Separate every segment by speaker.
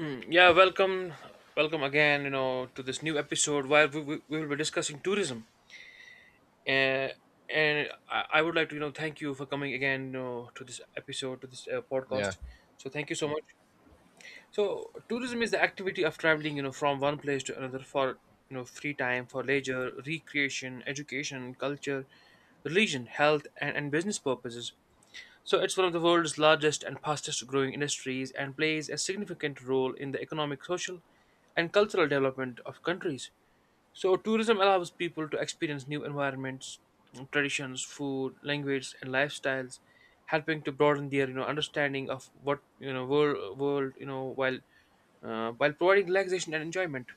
Speaker 1: Yeah, welcome again. You know, to this new episode where we will be discussing tourism. Uh, I would like to, you know, thank you for coming again, you know, to this episode, to this
Speaker 2: Yeah,
Speaker 1: podcast. So thank you so much. So tourism is the activity of traveling, you know, from one place to another for you know free time, for leisure, recreation, education, culture, religion, health, and business purposes. So it's one of the world's largest and fastest growing industries and plays a significant role in the economic, social, and cultural development of countries. So tourism allows people to experience new environments, traditions, food, language, and lifestyles, helping to broaden their you know understanding of what you know world you know while providing relaxation and enjoyment.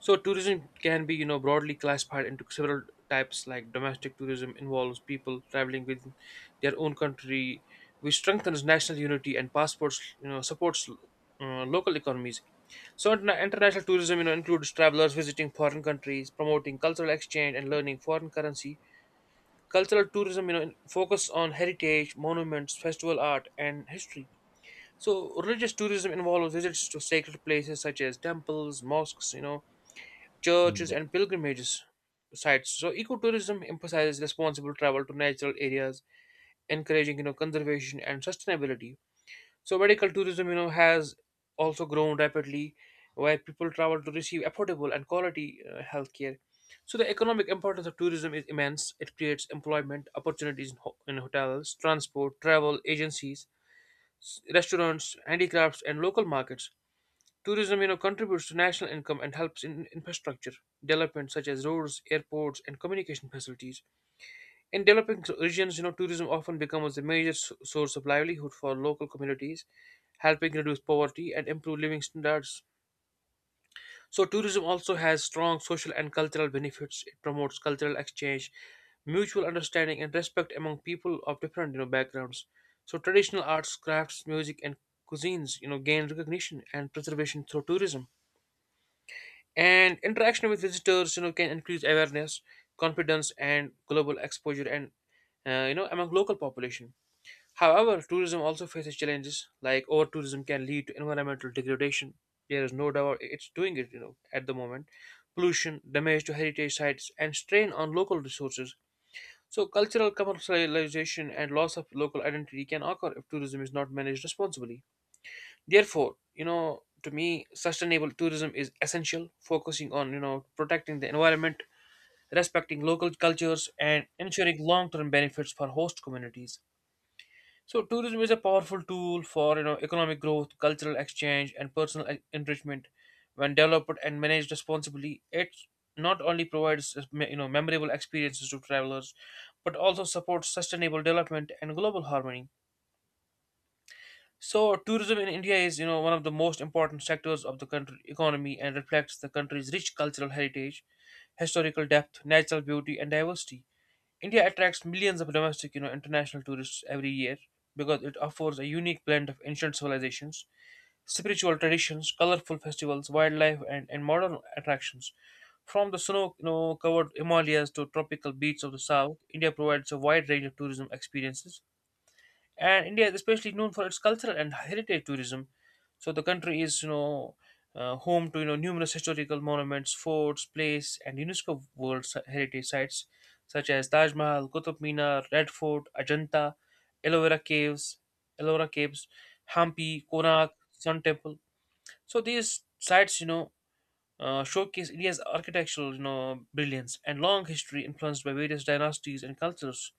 Speaker 1: So tourism can be, you know, broadly classified into several types. Like domestic tourism involves people traveling within their own country, which strengthens national unity and passports, you know, supports local economies. So international tourism, you know, includes travelers visiting foreign countries, promoting cultural exchange and learning foreign currency. Cultural tourism, you know, focus on heritage, monuments, festival art, and history. So religious tourism involves visits to sacred places such as temples, mosques, you know,
Speaker 2: Mm,
Speaker 1: churches,
Speaker 2: yeah,
Speaker 1: and pilgrimages sites. So ecotourism emphasizes responsible travel to natural areas, encouraging you know conservation and sustainability. So medical tourism, you know, has also grown rapidly, where people travel to receive affordable and quality healthcare. So the economic importance of tourism is immense. It creates employment opportunities in, in hotels, transport, travel agencies, restaurants, handicrafts, and local markets. Tourism, you know, contributes to national income and helps in infrastructure development such as roads, airports, and communication facilities. In developing regions, you know, tourism often becomes a major source of livelihood for local communities, helping reduce poverty and improve living standards. So, tourism also has strong social and cultural benefits. It promotes cultural exchange, mutual understanding, and respect among people of different, you know, backgrounds. So, traditional arts, crafts, music, and cuisines, you know, gain recognition and preservation through tourism. And interaction with visitors you know can increase awareness, confidence, and global exposure, and you know among local population. However, tourism also faces challenges. Like over tourism can lead to environmental degradation. There is no doubt it's doing it you know at the moment. Pollution, damage to heritage sites, and strain on local resources. So cultural commercialization and loss of local identity can occur if tourism is not managed responsibly. Therefore, you know, to me, sustainable tourism is essential, focusing on, you know, protecting the environment, respecting local cultures, and ensuring long term benefits for host communities. So, tourism is a powerful tool for, you know, economic growth, cultural exchange, and personal enrichment. When developed and managed responsibly, it not only provides, you know, memorable experiences to travelers, but also supports sustainable development and global harmony. So, tourism in India is, you know, one of the most important sectors of the country economy and reflects the country's rich cultural heritage, historical depth, natural beauty, and diversity. India attracts millions of domestic, you know, international tourists every year because it offers a unique blend of ancient civilizations, spiritual traditions, colorful festivals, wildlife, and modern attractions. From the snow, you know, covered Himalayas to tropical beaches of the south, India provides a wide range of tourism experiences, and India is especially known for its cultural and heritage tourism. So the country is, you know, home to you know numerous historical monuments, forts, places, and UNESCO World Heritage Sites such as Taj Mahal, Qutub Minar, Red Fort, Ajanta, Ellora Caves, Ellora Caves, Hampi, Konark, Sun Temple. So these sites, you know, showcase India's architectural, you know, brilliance and long history influenced by various dynasties and cultures.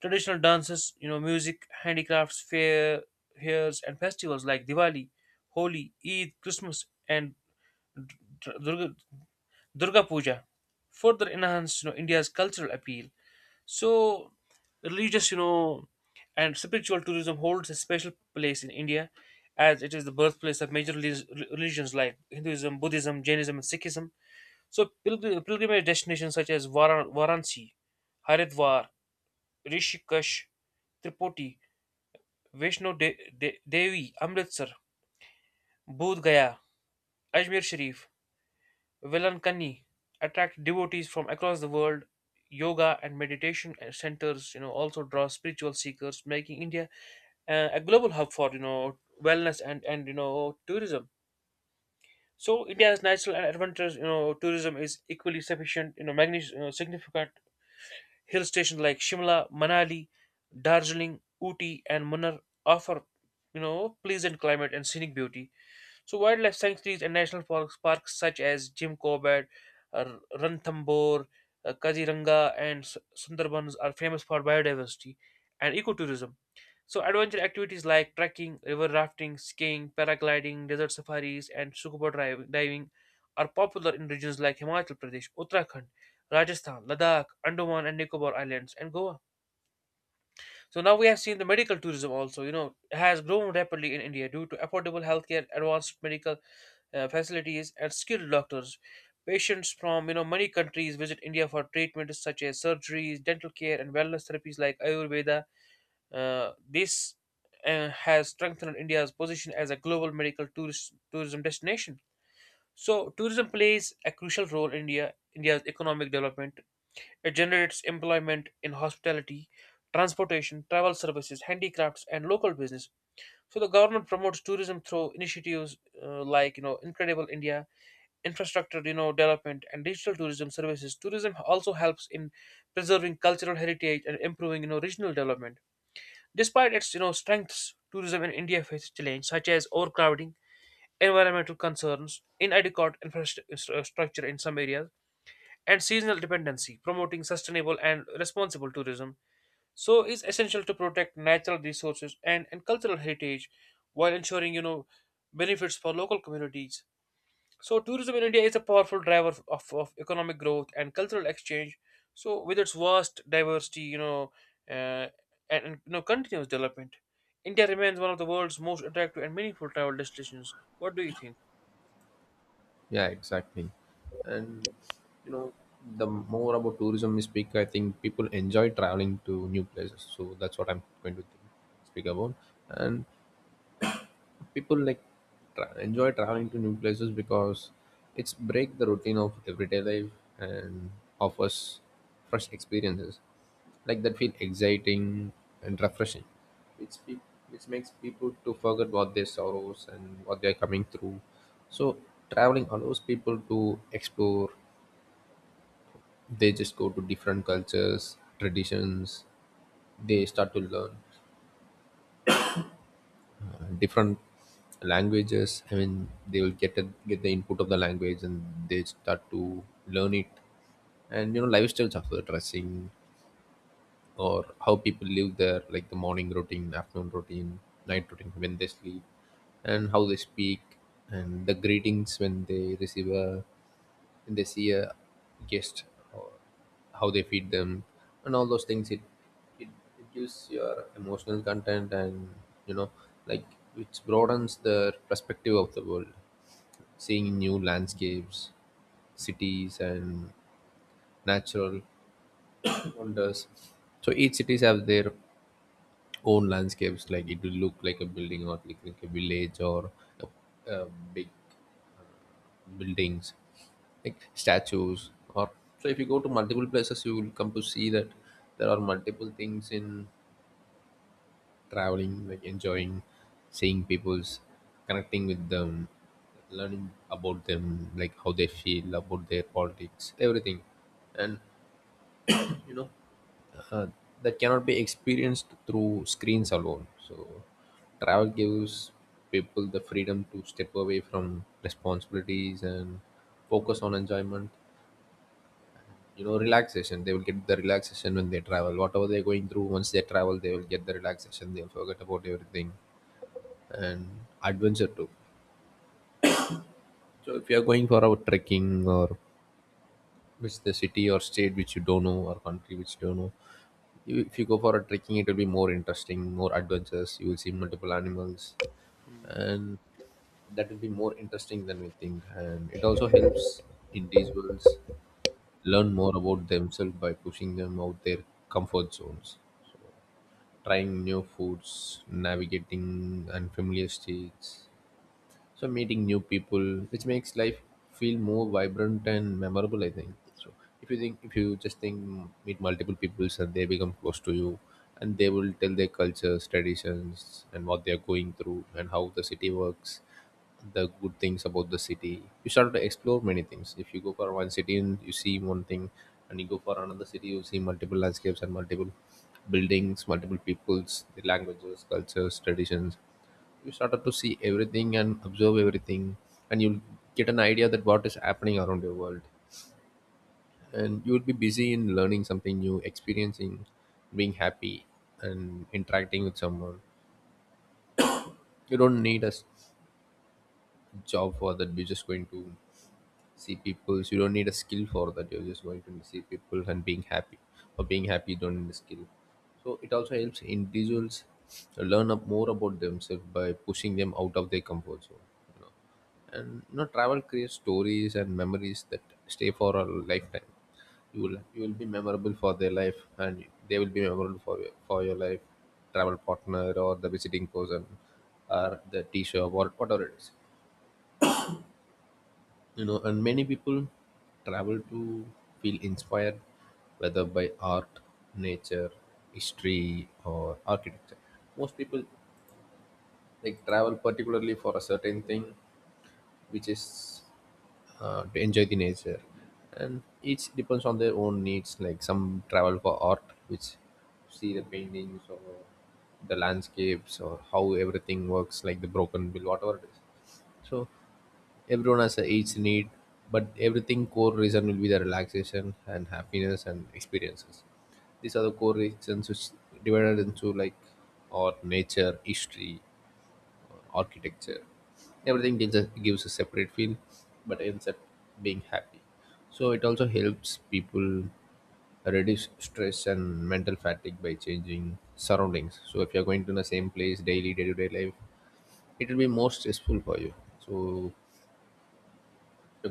Speaker 1: Traditional dances, you know, music, handicrafts, fairs, and festivals like Diwali, Holi, Eid, Christmas, and Dur- Durga, Durga Puja further enhance, you know, India's cultural appeal. So, religious, you know, and spiritual tourism holds a special place in India as it is the birthplace of major religions like Hinduism, Buddhism, Jainism, and Sikhism. So, pilgrimage destinations such as Varanasi, Haridwar, Rishikesh, Tripoti, Vaishno they, Devi, Amritsar, Bodh Gaya, Ajmer Sharif, Velankani attract devotees from across the world. Yoga and meditation and centers, you know, also draw spiritual seekers, making India a global hub for you know wellness and you know tourism. So India's natural and adventurous you know tourism is equally sufficient. You know, magnificent, you know, significant hill stations like Shimla, Manali, Darjeeling, Ooty, and Munnar offer you know pleasant climate and scenic beauty. So, wildlife sanctuaries and national parks such as Jim Corbett, Ranthambore, Kaziranga, and Sundarbans are famous for biodiversity and ecotourism. So, adventure activities like trekking, river rafting, skiing, paragliding, desert safaris, and scuba diving are popular in regions like Himachal Pradesh, Uttarakhand, Rajasthan, Ladakh, Andaman and Nicobar Islands, and Goa. So now we have seen the medical tourism also, you know, has grown rapidly in India due to affordable healthcare, advanced medical facilities and skilled doctors. Patients from you know many countries visit India for treatment such as surgeries, dental care, and wellness therapies like Ayurveda. This has strengthened India's position as a global tourism destination. So, tourism plays a crucial role in India's economic development. It generates employment in hospitality, transportation, travel services, handicrafts, and local business. So, the government promotes tourism through initiatives like you know Incredible India, infrastructure you know development, and digital tourism services. Tourism also helps in preserving cultural heritage and improving you know regional development. Despite its you know strengths, tourism in India faces challenges such as overcrowding, environmental concerns, inadequate infrastructure in some areas, and seasonal dependency. Promoting sustainable and responsible tourism so is essential to protect natural resources and cultural heritage while ensuring you know benefits for local communities. So tourism in India is a powerful driver of economic growth and cultural exchange. So with its vast diversity, you know, uh, and you know continuous development, India remains one of the world's most attractive and meaningful travel destinations. What do you think?
Speaker 2: yeah, exactly. And you know, the more about tourism we speak, I think people enjoy traveling to new places. So that's what I'm going to speak about. And people enjoy traveling to new places because it's break the routine of everyday life and offers fresh experiences, like that feel exciting and refreshing which pe- which makes people to forget what their sorrows and what they're coming through. So traveling allows people to explore. They just go to different cultures, traditions. They start to learn different languages. I mean, they will get the input of the language and they start to learn it. And you know, lifestyles of the dressing, or how people live their, like the morning routine, afternoon routine, night routine, when they sleep, and how they speak, and the greetings when they receive a when they see a guest, or how they feed them, and all those things it, it gives your emotional content. And you know, like, which broadens the perspective of the world, seeing new landscapes, cities, and natural wonders. So each cities have their own landscapes, like it will look like a building, or like a village, or a big buildings, like statues. Or so if you go to multiple places, you will come to see that there are multiple things in traveling, like enjoying, seeing people's, connecting with them, learning about them, like how they feel about their politics, everything. And you know, uh, that cannot be experienced through screens alone. So travel gives people the freedom to step away from responsibilities and focus on enjoyment. You know, relaxation. They will get the relaxation when they travel. Whatever they're going through, once they travel, they will get the relaxation. They'll forget about everything, and adventure too. So if you're going for a trekking, or visit the city or state which you don't know, or country which you don't know, if you go for a trekking, it will be more interesting, more adventures. You will see multiple animals, and that will be more interesting than we think. And it also helps individuals learn more about themselves by pushing them out their comfort zones, trying new foods, navigating unfamiliar states, so meeting new people, which makes life feel more vibrant and memorable, I think. So if you just think, meet multiple peoples and they become close to you, and they will tell their cultures, traditions, and what they are going through, and how the city works, the good things about the city. You start to explore many things. If you go for one city and you see one thing, and you go for another city, you see multiple landscapes and multiple buildings, multiple peoples, the languages, cultures, traditions. You started to see everything and observe everything, and you'll get an idea that what is happening around your world, and you will be busy in learning something new, experiencing, being happy, and interacting with someone. You don't need a job for that. You're just going to see people. So you don't need a skill for that. You're just going to see people and being happy. Or being happy, you don't need a skill. So it also helps individuals learn up more about themselves by pushing them out of their comfort zone, you know. And you know, travel creates stories and memories that stay for a lifetime. You will be memorable for their life, and they will be memorable for for your life, travel partner or the visiting person, or the t-shirt, or whatever it is, you know. And many people travel to feel inspired, whether by art, nature, history, or architecture. Most people like travel particularly for a certain thing, which is to enjoy the nature. And each depends on their own needs, like some travel for art, which see the paintings, or the landscapes, or how everything works, like the broken bill, whatever it is. So everyone has a each need, but everything core reason will be the relaxation and happiness and experiences. These are the core reasons, which divided into like, or nature, history, or architecture. Everything gives a separate feel, but ends up being happy. So it also helps people reduce stress and mental fatigue by changing surroundings. So if you're going to the same place daily, day-to-day life, it will be more stressful for you. So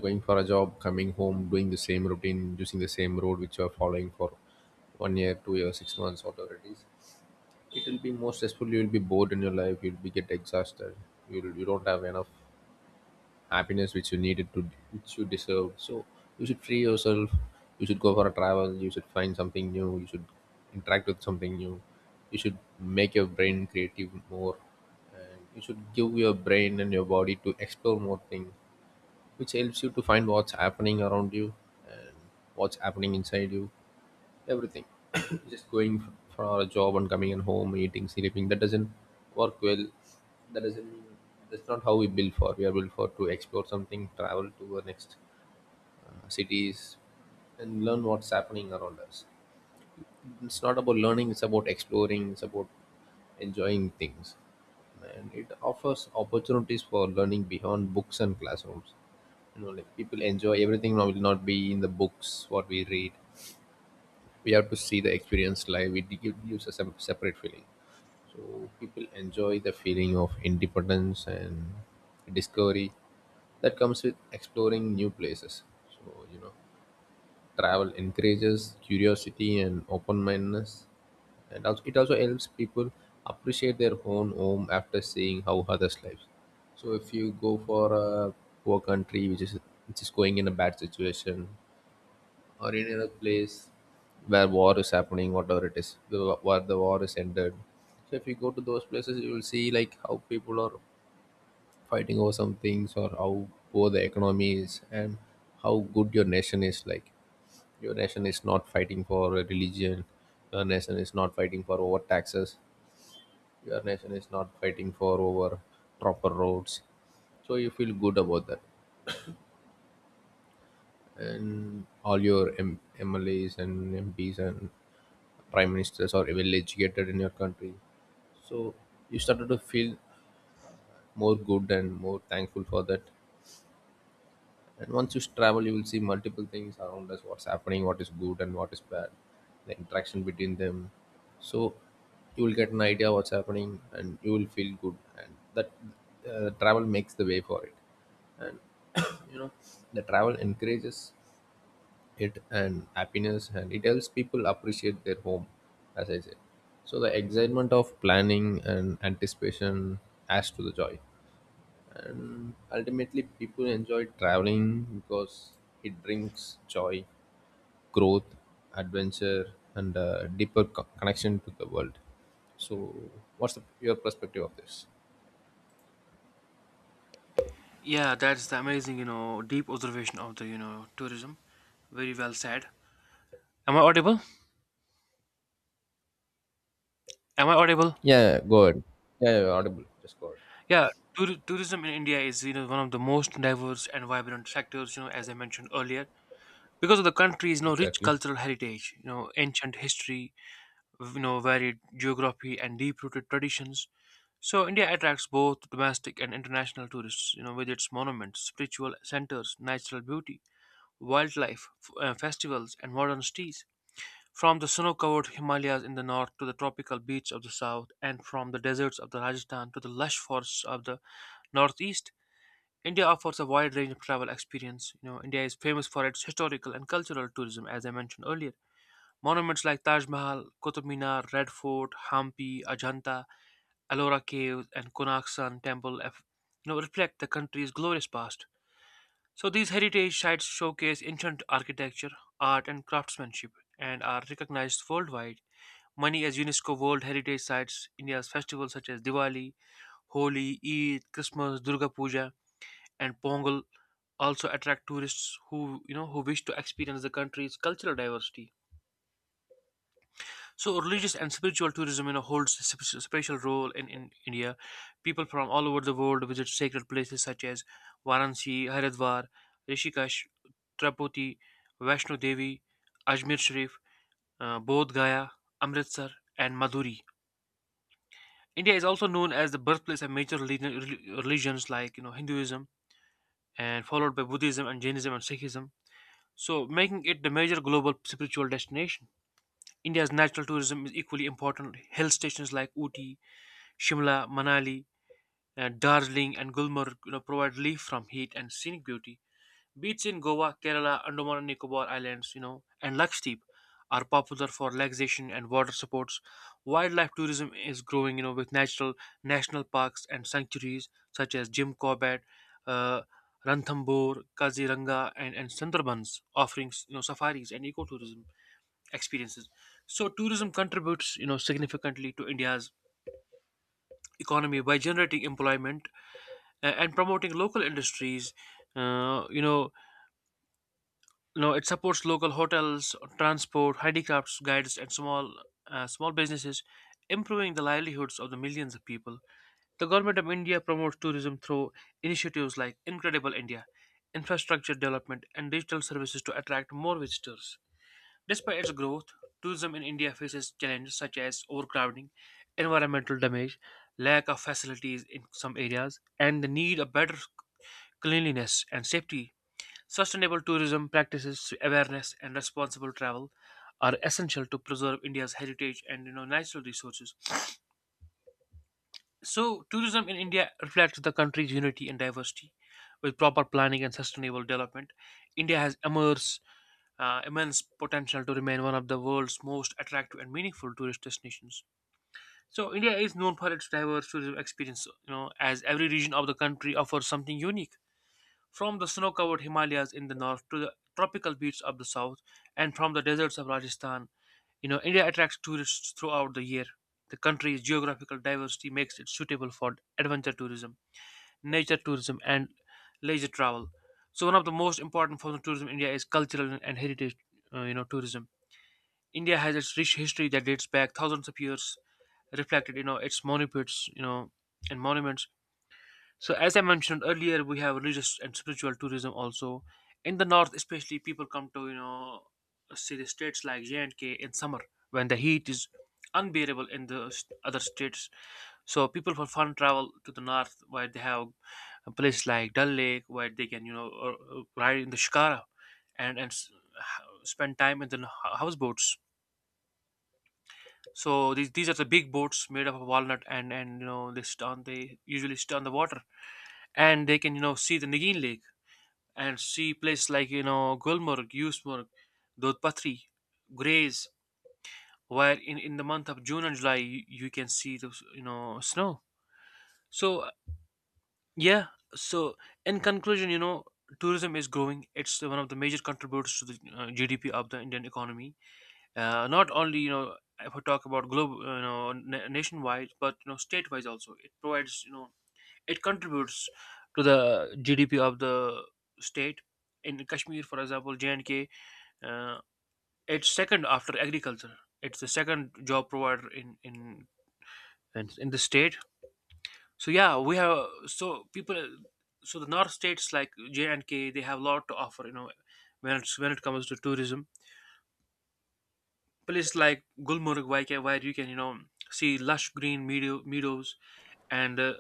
Speaker 2: going for a job, coming home, doing the same routine, using the same road which you are following for 1 year, 2 years, 6 months, whatever it is, it will be more stressful. You will be bored in your life. You'll be get exhausted. You don't have enough happiness which you needed to, which you deserve. So you should free yourself. You should go for a travel. You should find something new. You should interact with something new. You should make your brain creative more. And you should give your brain and your body to explore more things, which helps you to find what's happening around you and what's happening inside you, everything. Just going for a job and coming in home, eating, sleeping, that doesn't work well. that doesn't that's not how we build for. We are built for to explore something, travel to the next cities and learn what's happening around us. It's not about learning, it's about exploring, it's about enjoying things. And it offers opportunities for learning beyond books and classrooms. You know, like people enjoy everything now will not be in the books what we read. We have to see, the experience live, it gives us a separate feeling. So people enjoy the feeling of independence and discovery that comes with exploring new places. So you know, travel encourages curiosity and open-mindedness. And also it also helps people appreciate their own home after seeing how others live. So if you go for a poor country, which is going in a bad situation, or any other place where war is happening, whatever it is, where the war is ended. So if you go to those places, you will see like how people are fighting over some things, or how poor the economy is, and how good your nation is. Like your nation is not fighting for a religion, your nation is not fighting for over taxes, your nation is not fighting for over proper roads. So you feel good about that, and all your MLAs and MPs and prime ministers or well educated in your country. So you started to feel more good and more thankful for that. And once you travel, you will see multiple things around us, what's happening, what is good and what is bad, the interaction between them. So you will get an idea what's happening, and you will feel good. And that travel makes the way for it. And you know, the travel encourages it and happiness, and it helps people appreciate their home, as I said. So the excitement of planning and anticipation adds to the joy, and ultimately people enjoy traveling because it brings joy, growth, adventure, and a deeper connection to the world. So what's your perspective of this?
Speaker 1: Yeah, that's the amazing, you know, deep observation of the, you know, tourism. Very well said. Am I audible? Am I audible?
Speaker 2: Yeah, go ahead. Yeah, yeah, audible, just go ahead.
Speaker 1: Yeah, tourism in India is, you know, one of the most diverse and vibrant sectors, you know, as I mentioned earlier, because of the country is you rich
Speaker 2: Exactly.
Speaker 1: cultural heritage, you know, ancient history, you know, varied geography, and deep rooted traditions. So India attracts both domestic and international tourists, you know, with its monuments, spiritual centers, natural beauty, wildlife, festivals, and modern cities. From the snow-covered Himalayas in the north to the tropical beaches of the south, and from the deserts of the Rajasthan to the lush forests of the northeast, India offers a wide range of travel experience. You know, India is famous for its historical and cultural tourism, as I mentioned earlier. Monuments like Taj Mahal, Qutub Minar, Red Fort, Hampi, Ajanta, Ellora Caves, and Konak Sun Temple, you know, reflect the country's glorious past. So these heritage sites showcase ancient architecture, art, and craftsmanship, and are recognized worldwide. Many as UNESCO World Heritage Sites, India's festivals such as Diwali, Holi, Eid, Christmas, Durga Puja, and Pongal also attract tourists who you know who wish to experience the country's cultural diversity. So religious and spiritual tourism you know holds a special role in India. People from all over the world visit sacred places such as Varanasi, Haridwar, Rishikesh, Tripodi, Vaishno Devi, Ajmer Sharif, Bodh Gaya, Amritsar, and Madhuri. India is also known as the birthplace of major religions like you know Hinduism, and followed by Buddhism and Jainism and Sikhism. So, making it the major global spiritual destination, India's natural tourism is equally important. Hill stations like Uti, Shimla, Manali, Darjeeling, and Gulmarg you know, provide relief from heat and scenic beauty. Beaches in Goa, Kerala, Andaman and Nicobar Islands, you know, and Lakshadweep are popular for relaxation and water sports. Wildlife tourism is growing, you know, with natural national parks and sanctuaries such as Jim Corbett, uh, Ranthambore, Kaziranga, and Sundarbans offering, you know, safaris and ecotourism experiences. So tourism contributes, you know, significantly to India's economy by generating employment and promoting local industries. uh, you know, it supports local hotels, transport, handicrafts, guides, and small businesses, improving the livelihoods of the millions of people. The government of India promotes tourism through initiatives like Incredible India, infrastructure development, and digital services to attract more visitors. Despite its growth, tourism in India faces challenges such as overcrowding, environmental damage, lack of facilities in some areas, and the need of better cleanliness and safety. Sustainable tourism practices, awareness, and responsible travel are essential to preserve India's heritage and natural resources. So tourism in India reflects the country's unity and diversity. With proper planning and sustainable development, India has immense potential to remain one of the world's most attractive and meaningful tourist destinations. So India is known for its diverse tourism experience, you know, as every region of the country offers something unique. From the snow covered Himalayas in the north to the tropical beaches of the south, and from the deserts of Rajasthan, you know, India attracts tourists throughout the year. The country's geographical diversity makes it suitable for adventure tourism, nature tourism, and leisure travel. So one of the most important forms of tourism in India is cultural and heritage, tourism. India has its rich history that dates back thousands of years, reflected, you know, its monuments, you know, and monuments. So, as I mentioned earlier, we have religious and spiritual tourism also. In the north, especially, people come to, you know, see the states like J&K in summer when the heat is unbearable in the other states. So people for fun travel to the north, where they have a place like Dal Lake, where they can, you know, ride in the shikara and spend time in the houseboats. So these are the big boats made up of walnut, and you know, they usually sit on the water, and they can, you know, see the Nagin Lake and see places like, you know, Gulmarg, Yusmarg, Dodpatri, Grays, where in the month of June and July you can see the, you know, snow. So uh, yeah, so in conclusion, you know, tourism is growing. It's one of the major contributors to the GDP of the Indian economy. Not only, you know, if we talk about global, you know, nationwide, but, you know, state-wise also. It provides, you know, it contributes to the GDP of the state. In Kashmir, for example, J and K. Uh, it's second after agriculture. It's the second job provider in the state. So yeah, we have so people. So the north states like J and K, they have a lot to offer. You know, when it comes to tourism, places like Gulmarg, where you can, you know, see lush green meadows. And.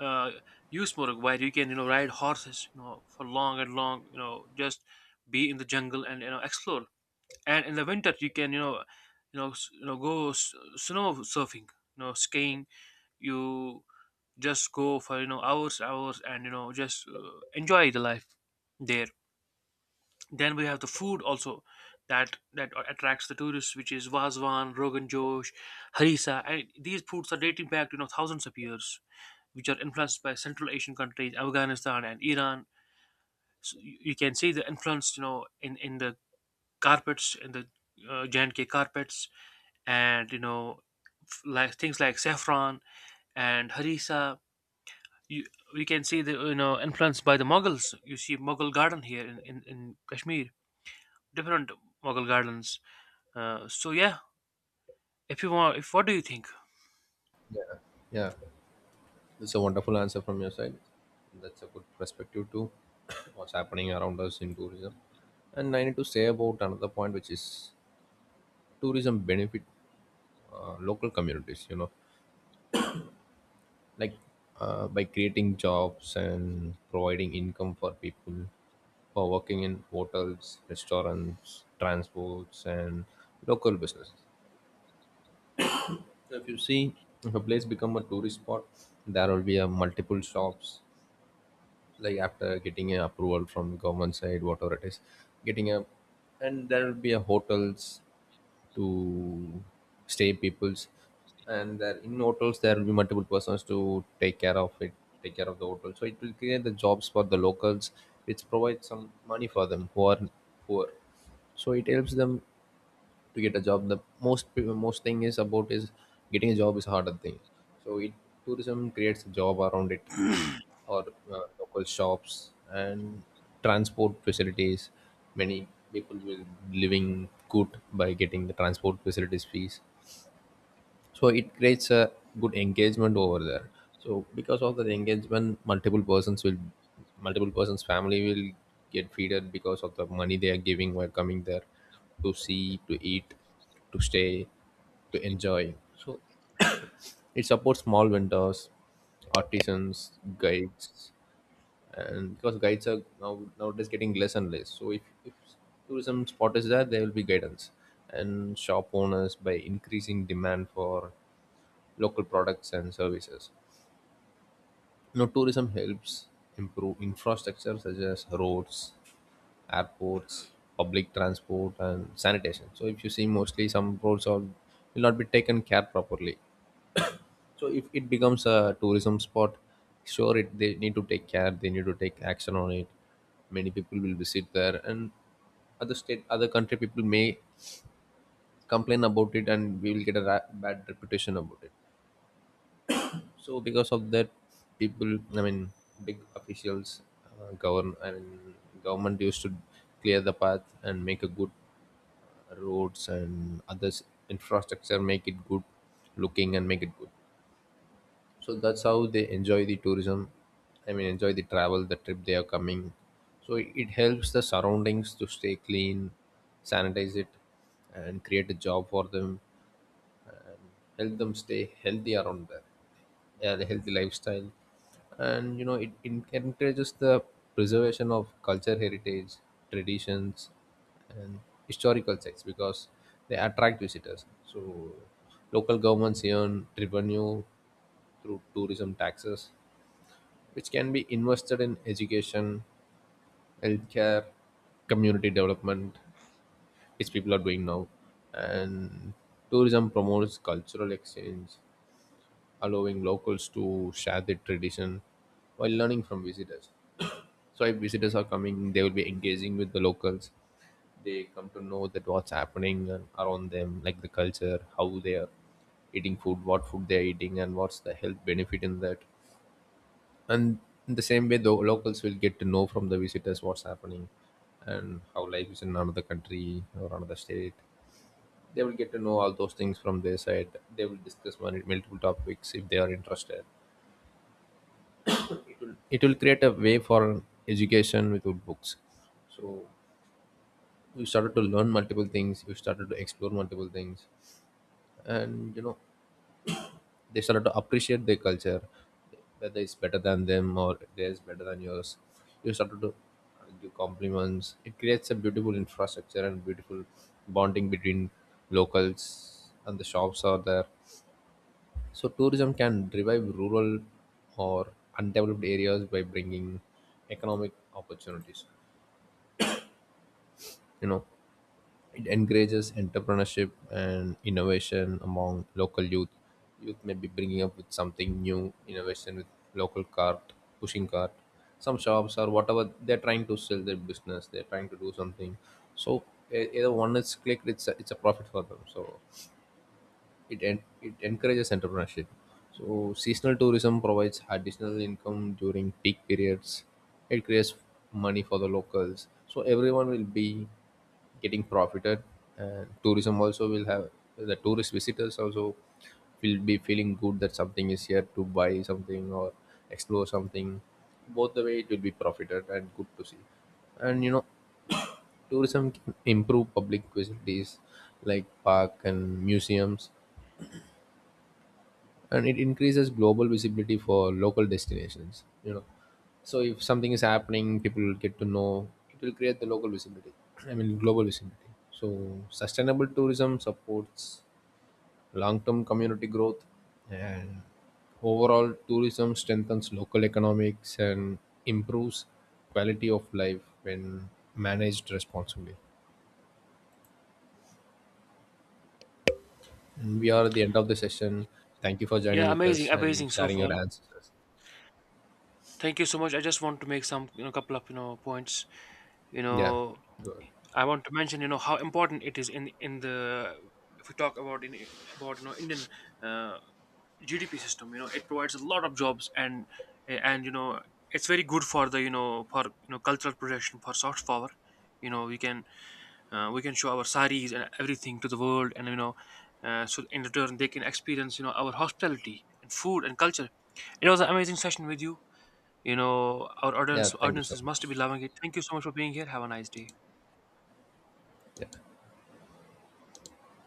Speaker 1: uh, Yusmorg, where you can, you know, ride horses, you know, for long and long, you know, just be in the jungle and, you know, explore. And in the winter you can, you know, go snow surfing, you know, skiing. You just go for, you know, hours and, you know, just enjoy the life there. Then we have the food also, that attracts the tourists, which is vazwan, rogan josh, harissa, and these foods are dating back to, you know, thousands of years, which are influenced by central Asian countries, Afghanistan and Iran. So you can see the influence, you know, in the carpets, in the J&K carpets, and, you know, like things like saffron and harissa. You, we can see the, you know, influenced by the Mughals. You see Mughal garden here in Kashmir, different Mughal gardens. So yeah, if you want, if, what do you think?
Speaker 2: Yeah. Yeah, it's a wonderful answer from your side. That's a good perspective to what's happening around us in tourism. And I need to say about another point, which is tourism benefit local communities. You know, like, by creating jobs and providing income for people who are working in hotels, restaurants, transports, and local businesses. So if you see, if a place become a tourist spot, there will be a multiple shops, like after getting a approval from government side, whatever it is, getting a, and there will be a hotels to stay peoples. And there in hotels there will be multiple persons to take care of it, take care of the hotel. So it will create the jobs for the locals, which provides some money for them who are poor. So it helps them to get a job. The most most thing is about is getting a job is harder thing. So it, tourism creates a job around it, or local shops and transport facilities. Many people will living good by getting the transport facilities fees. So it creates a good engagement over there. So because of that engagement, multiple persons family will get feeded because of the money they are giving while coming there to see, to eat, to stay, to enjoy. So it supports small vendors, artisans, guides, and because guides are now nowadays getting less and less. So if tourism spot is there, there will be guidance and shop owners, by increasing demand for local products and services. You know, tourism helps improve infrastructure such as roads, airports, public transport and sanitation. So if you see, mostly some roads are will not be taken care properly. So if it becomes a tourism spot, sure it they need to take care, they need to take action on it. Many people will visit there, and other state, other country people may complain about it and we will get a bad reputation about it. So because of that, people, I mean big officials, govern I mean government used to clear the path and make a good roads and others infrastructure, make it good looking and make it good. So that's how they enjoy the tourism, I mean enjoy the travel, the trip they are coming. So it helps the surroundings to stay clean, sanitize it, and create a job for them, help them stay healthy around there. Yeah, the healthy lifestyle. And you know, it encourages the preservation of culture, heritage, traditions and historical sites, because they attract visitors. So local governments earn revenue through tourism taxes, which can be invested in education, healthcare, community development, which people are doing now. And tourism promotes cultural exchange, allowing locals to share their tradition while learning from visitors. So if visitors are coming, they will be engaging with the locals. They come to know that what's happening and around them, like the culture, how they are eating food, what food they are eating, and what's the health benefit in that. And in the same way, the locals will get to know from the visitors what's happening and how life is in another country or another state. They will get to know all those things from their side. They will discuss multiple topics if they are interested. It will create a way for education without books. So we started to learn multiple things, we started to explore multiple things. And you know, they started to appreciate their culture, whether it's better than them or theirs better than yours. You started to give compliments. It creates a beautiful infrastructure and beautiful bonding between locals and the shops are there. So tourism can revive rural or undeveloped areas by bringing economic opportunities. You know, it encourages entrepreneurship and innovation among local youth. Youth may be bringing up with something new, innovation with local cart, pushing cart, some shops or whatever they're trying to sell their business. They're trying to do something. So either one is clicked, it's a profit for them. So it encourages entrepreneurship. So seasonal tourism provides additional income during peak periods. It creates money for the locals. So everyone will be getting profited, and tourism also will have the tourist visitors also will be feeling good that something is here to buy something or explore something. Both the way it will be profited and good to see. And you know, tourism can improve public facilities like park and museums. And it increases global visibility for local destinations. You know, so if something is happening, people will get to know, it will create the local visibility, I mean global visibility. So sustainable tourism supports long-term community growth. And overall, tourism strengthens local economics and improves quality of life when managed responsibly. And we are at the end of the session. Thank you for joining
Speaker 1: Yeah,
Speaker 2: with
Speaker 1: amazing,
Speaker 2: us and
Speaker 1: amazing so
Speaker 2: sharing
Speaker 1: far.
Speaker 2: your answers.
Speaker 1: Thank you so much. I just want to make some, you know, couple of, you know, points, you
Speaker 2: Yeah.
Speaker 1: know.
Speaker 2: Good.
Speaker 1: I want to mention, you know, how important it is in the, if we talk about in, about, you know, Indian uh, GDP system. You know, it provides a lot of jobs, and, you know, it's very good for the, you know, for, you know, cultural protection, for soft power. You know, we can, we can show our saris and everything to the world, and, you know, so in return they can experience, you know, our hospitality and food and culture. It was an amazing session with you. You know, our
Speaker 2: Yeah, thank you so
Speaker 1: audiences must be
Speaker 2: much.
Speaker 1: loving it. Thank you so much for being here. Have a nice day.
Speaker 2: Yeah.